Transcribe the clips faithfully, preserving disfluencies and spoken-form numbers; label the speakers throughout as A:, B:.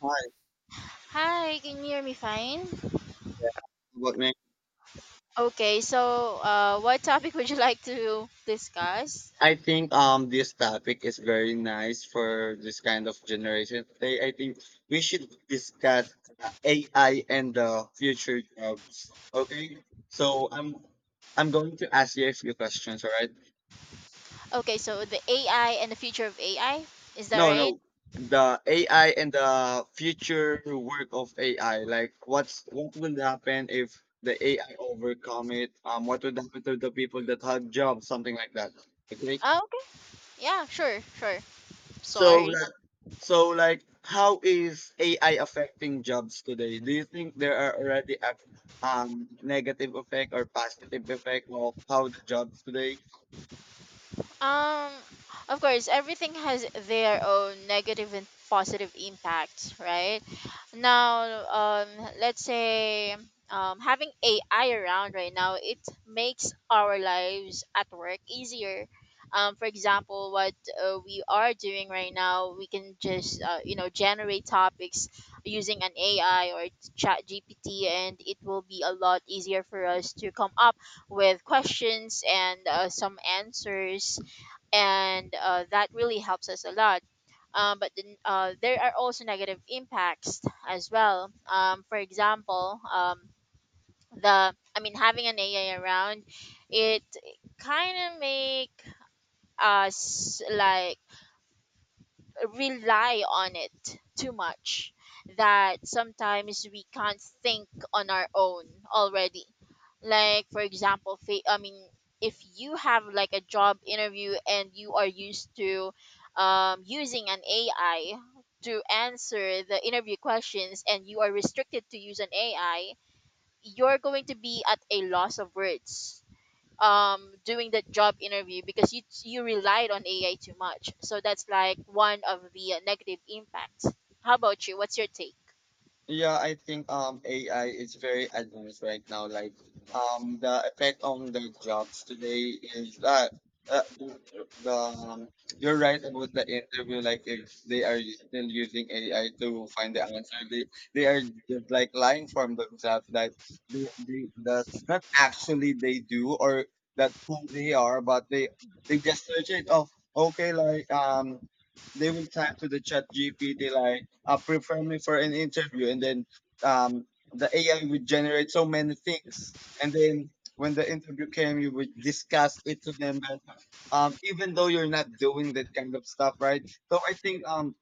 A: Hi,
B: Hi, can you hear me fine?
A: yeah. But man,
B: Okay, so uh, what topic would you like to discuss?
A: I think um this topic is very nice for this kind of generation today. I think we should discuss A I and the future jobs. Okay, so I'm I'm going to ask you a few questions, all right?
B: Okay, so the A I and the future of A I, is that
A: No,
B: right?
A: no, the A I and the future work of A I. Like, what's what will happen if the A I overcome it? Um, what would happen to the people that have jobs? Something like that. Okay.
B: Oh, okay. Yeah, sure, sure.
A: So
B: Sorry.
A: So, like, how is A I affecting jobs today? Do you think there are already a um, negative effect or positive effect of how the jobs today?
B: Um, of course, everything has their own negative and positive impacts, right? Now, um, let's say um, having A I around right now, it makes our lives at work easier. Um, for example, what uh, we are doing right now, we can just uh, you know generate topics using an A I or Chat G P T, and it will be a lot easier for us to come up with questions and uh, some answers and uh, that really helps us a lot. Um, but then, uh, there are also negative impacts as well. Um, for example, um, the I mean, having an A I around, it kind of make us like rely on it too much that sometimes we can't think on our own already. Like, for example, fa- i mean if you have like a job interview and you are used to um, using an AI to answer the interview questions and you are restricted to use an A I, you're going to be at a loss of words um doing that job interview because you you relied on A I too much. So that's like one of the uh, negative impacts. How about you? What's your take?
A: Yeah, I think um A I is very advanced right now. Like um the effect on the jobs today is that uh, the, um, you're right about the interview. Like if they are still using A I to find the answer, they they are just like lying from themselves that they, they, that's not actually they do or that who they are, but they they just search it of okay like um they will type to the Chat G P T like, uh, prepare me for an interview, and then um, the A I would generate so many things. And then when the interview came, you would discuss it to them. But, um, even though you're not doing that kind of stuff, right? So I think um,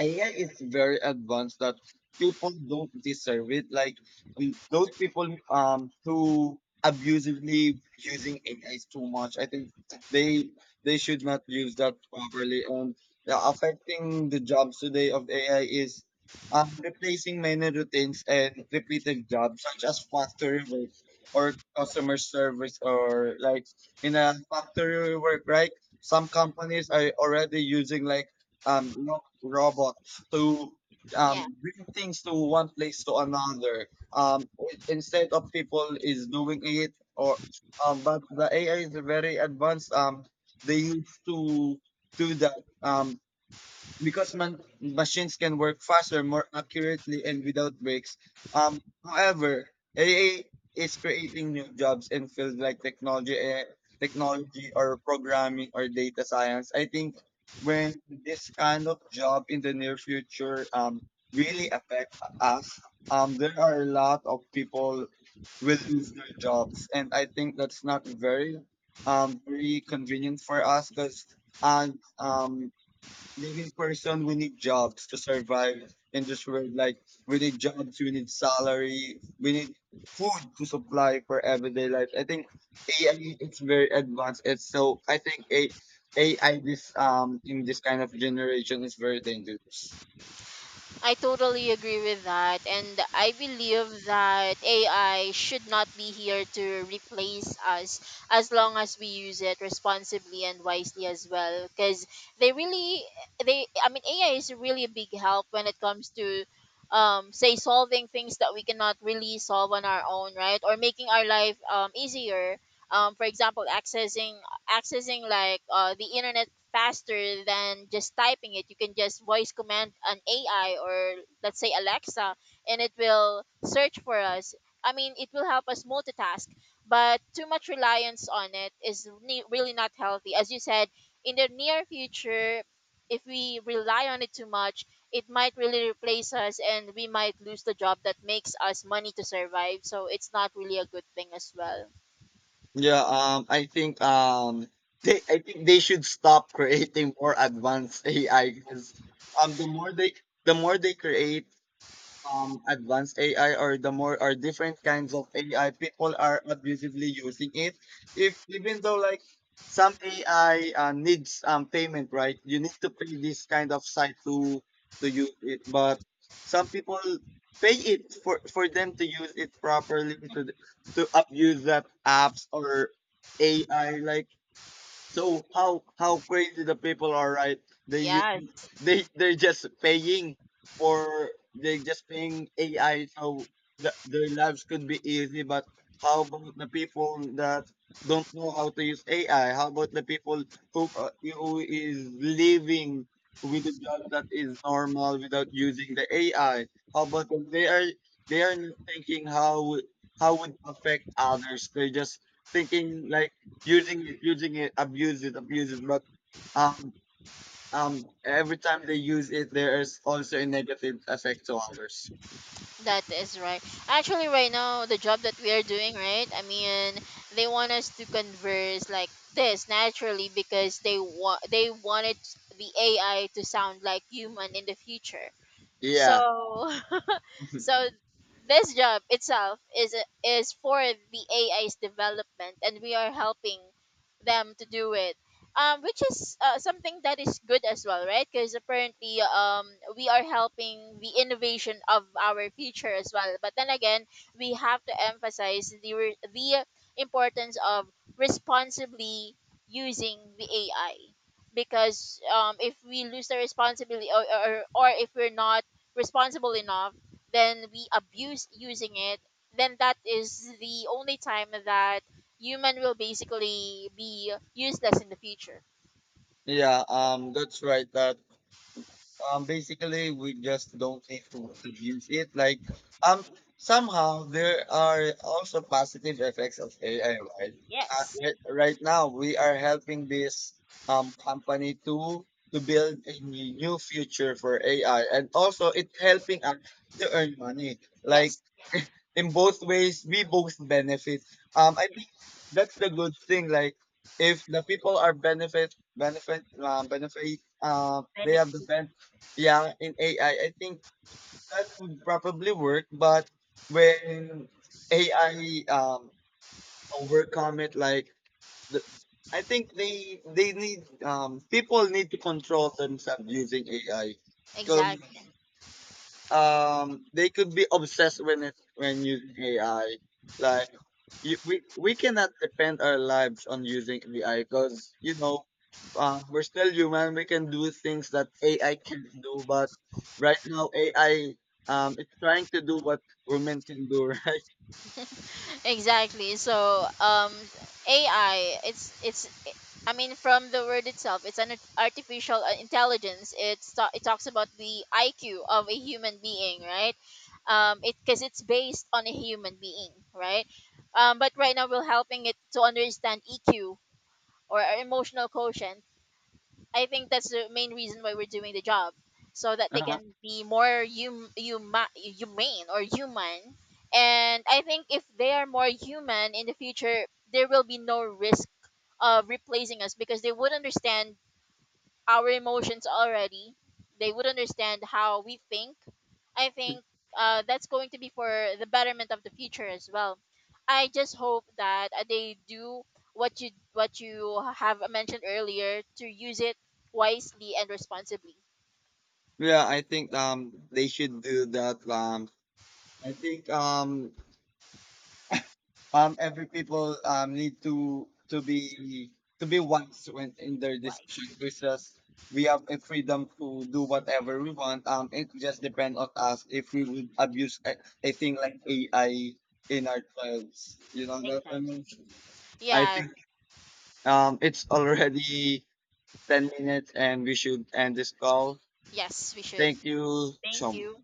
A: A I is very advanced that people don't deserve it. Like um, those people um who abusively using A is too much. I think they they should not use that properly. And the affecting the jobs today of A I is um, replacing many routines and repeated jobs such as factory work or customer service or like in a factory work, right? Some companies are already using like um, ro- robots to um, bring things to one place to another. Um, i- instead of people is doing it, or um, but the A I is very advanced. Um, they used to do that. Um, because man- machines can work faster, more accurately, and without breaks. Um, however, A I is creating new jobs in fields like technology, eh, technology or programming or data science. I think when this kind of job in the near future um, really affect us, um, there are a lot of people will lose their jobs, and I think that's not very um, very convenient for us because and um, living person, we need jobs to survive in this world. Like we need jobs, we need salary, we need food to supply for everyday life. I think A I it's very advanced. It's so I think a AI this um in this kind of generation is very dangerous.
B: I totally agree with that. And I believe that A I should not be here to replace us as long as we use it responsibly and wisely as well. Because they really, they, I mean, A I is really a really big help when it comes to, um, say, solving things that we cannot really solve on our own, right? Or making our life um, easier. Um, for example, accessing accessing like uh, the internet faster than just typing it. You can just voice command an A I or let's say Alexa and it will search for us. I mean, it will help us multitask, but too much reliance on it is ne- really not healthy. As you said, in the near future, if we rely on it too much, it might really replace us and we might lose the job that makes us money to survive. So it's not really a good thing as well.
A: Yeah, um I think um they I think they should stop creating more advanced A I because um the more they the more they create um advanced A I or the more or different kinds of A I, people are abusively using it. If even though like some A I uh, needs um payment, right? You need to pay this kind of site to to use it, but some people pay it for for them to use it properly to th- to abuse that apps or A I. Like so how how crazy the people are, right? They use
B: Yeah,
A: they they're just paying for they just paying A I so the, their lives could be easy. But how about the people that don't know how to use A I? How about the people who uh, who is living with a job that is normal without using the A I? How about them? They are they are not thinking how how would affect others? They're just thinking like using it, using it, abuse it, abuse it. But um, um, every time they use it, there is also a negative effect to others.
B: that is right. Actually, right now, the job that we are doing, right? I mean, they want us to converse like this naturally because they want they wanted the A I to sound like human in the future. So,
A: Yeah,
B: so this job itself is is for the A I's development, and we are helping them to do it, um, which is uh, something that is good as well, right? Because apparently, um, we are helping the innovation of our future as well. But then again, we have to emphasize the re- the importance of responsibly using the A I because um, if we lose the responsibility or, or, or if we're not responsible enough, then we abuse using it, then that is the only time that human will basically be useless in the future.
A: yeah. Um, that's right. Uh, Um, basically, we just don't need to, to use it. Like, um, somehow there are also positive effects of A I, right? Uh,
B: Yes.
A: right right now, we are helping this um company to to build a new future for A I, and also it's helping us to earn money. Like
B: Yes.
A: in both ways we both benefit um i think
B: Yes.
A: that's the good thing like if the people are benefit benefit uh, benefit uh, they have the
B: Benefiting.
A: ben- yeah in AI I think that would probably work but when AI um overcome it like the, I think they they need um people need to control themselves using AI
B: Exactly.
A: because um they could be obsessed when it when using A I. Like you, we we cannot depend our lives on using A I because you know uh, we're still human. We can do things that A I can not do, but right now A I um it's trying to do what women can do, right?
B: Exactly. So, um, A I, it's it's. I mean, from the word itself, it's an artificial uh, intelligence. It's ta- it talks about the I Q of a human being, right? Um, it because it's based on a human being, right? Um, but right now we're helping it to understand E Q or our emotional quotient. I think that's the main reason why we're doing the job, so that they
A: Uh-huh.
B: can be more hum- huma- humane or human. And I think if they are more human in the future, there will be no risk of replacing us because they would understand our emotions already. They would understand how we think. I think uh, that's going to be for the betterment of the future as well. I just hope that uh, they do what you what you have mentioned earlier to use it wisely and responsibly.
A: Yeah, I think um they should do that. Um, I think um um every people um need to to be to be wise when in their
B: Why?
A: decision because we have a freedom to do whatever we want um it just depends on us if we would abuse a, a thing like AI in our lives you know that I
B: Exactly.
A: mean I
B: Yeah,
A: think um it's already ten minutes and we should end this call.
B: yes, we should.
A: Thank you so
B: Thank you.
A: much.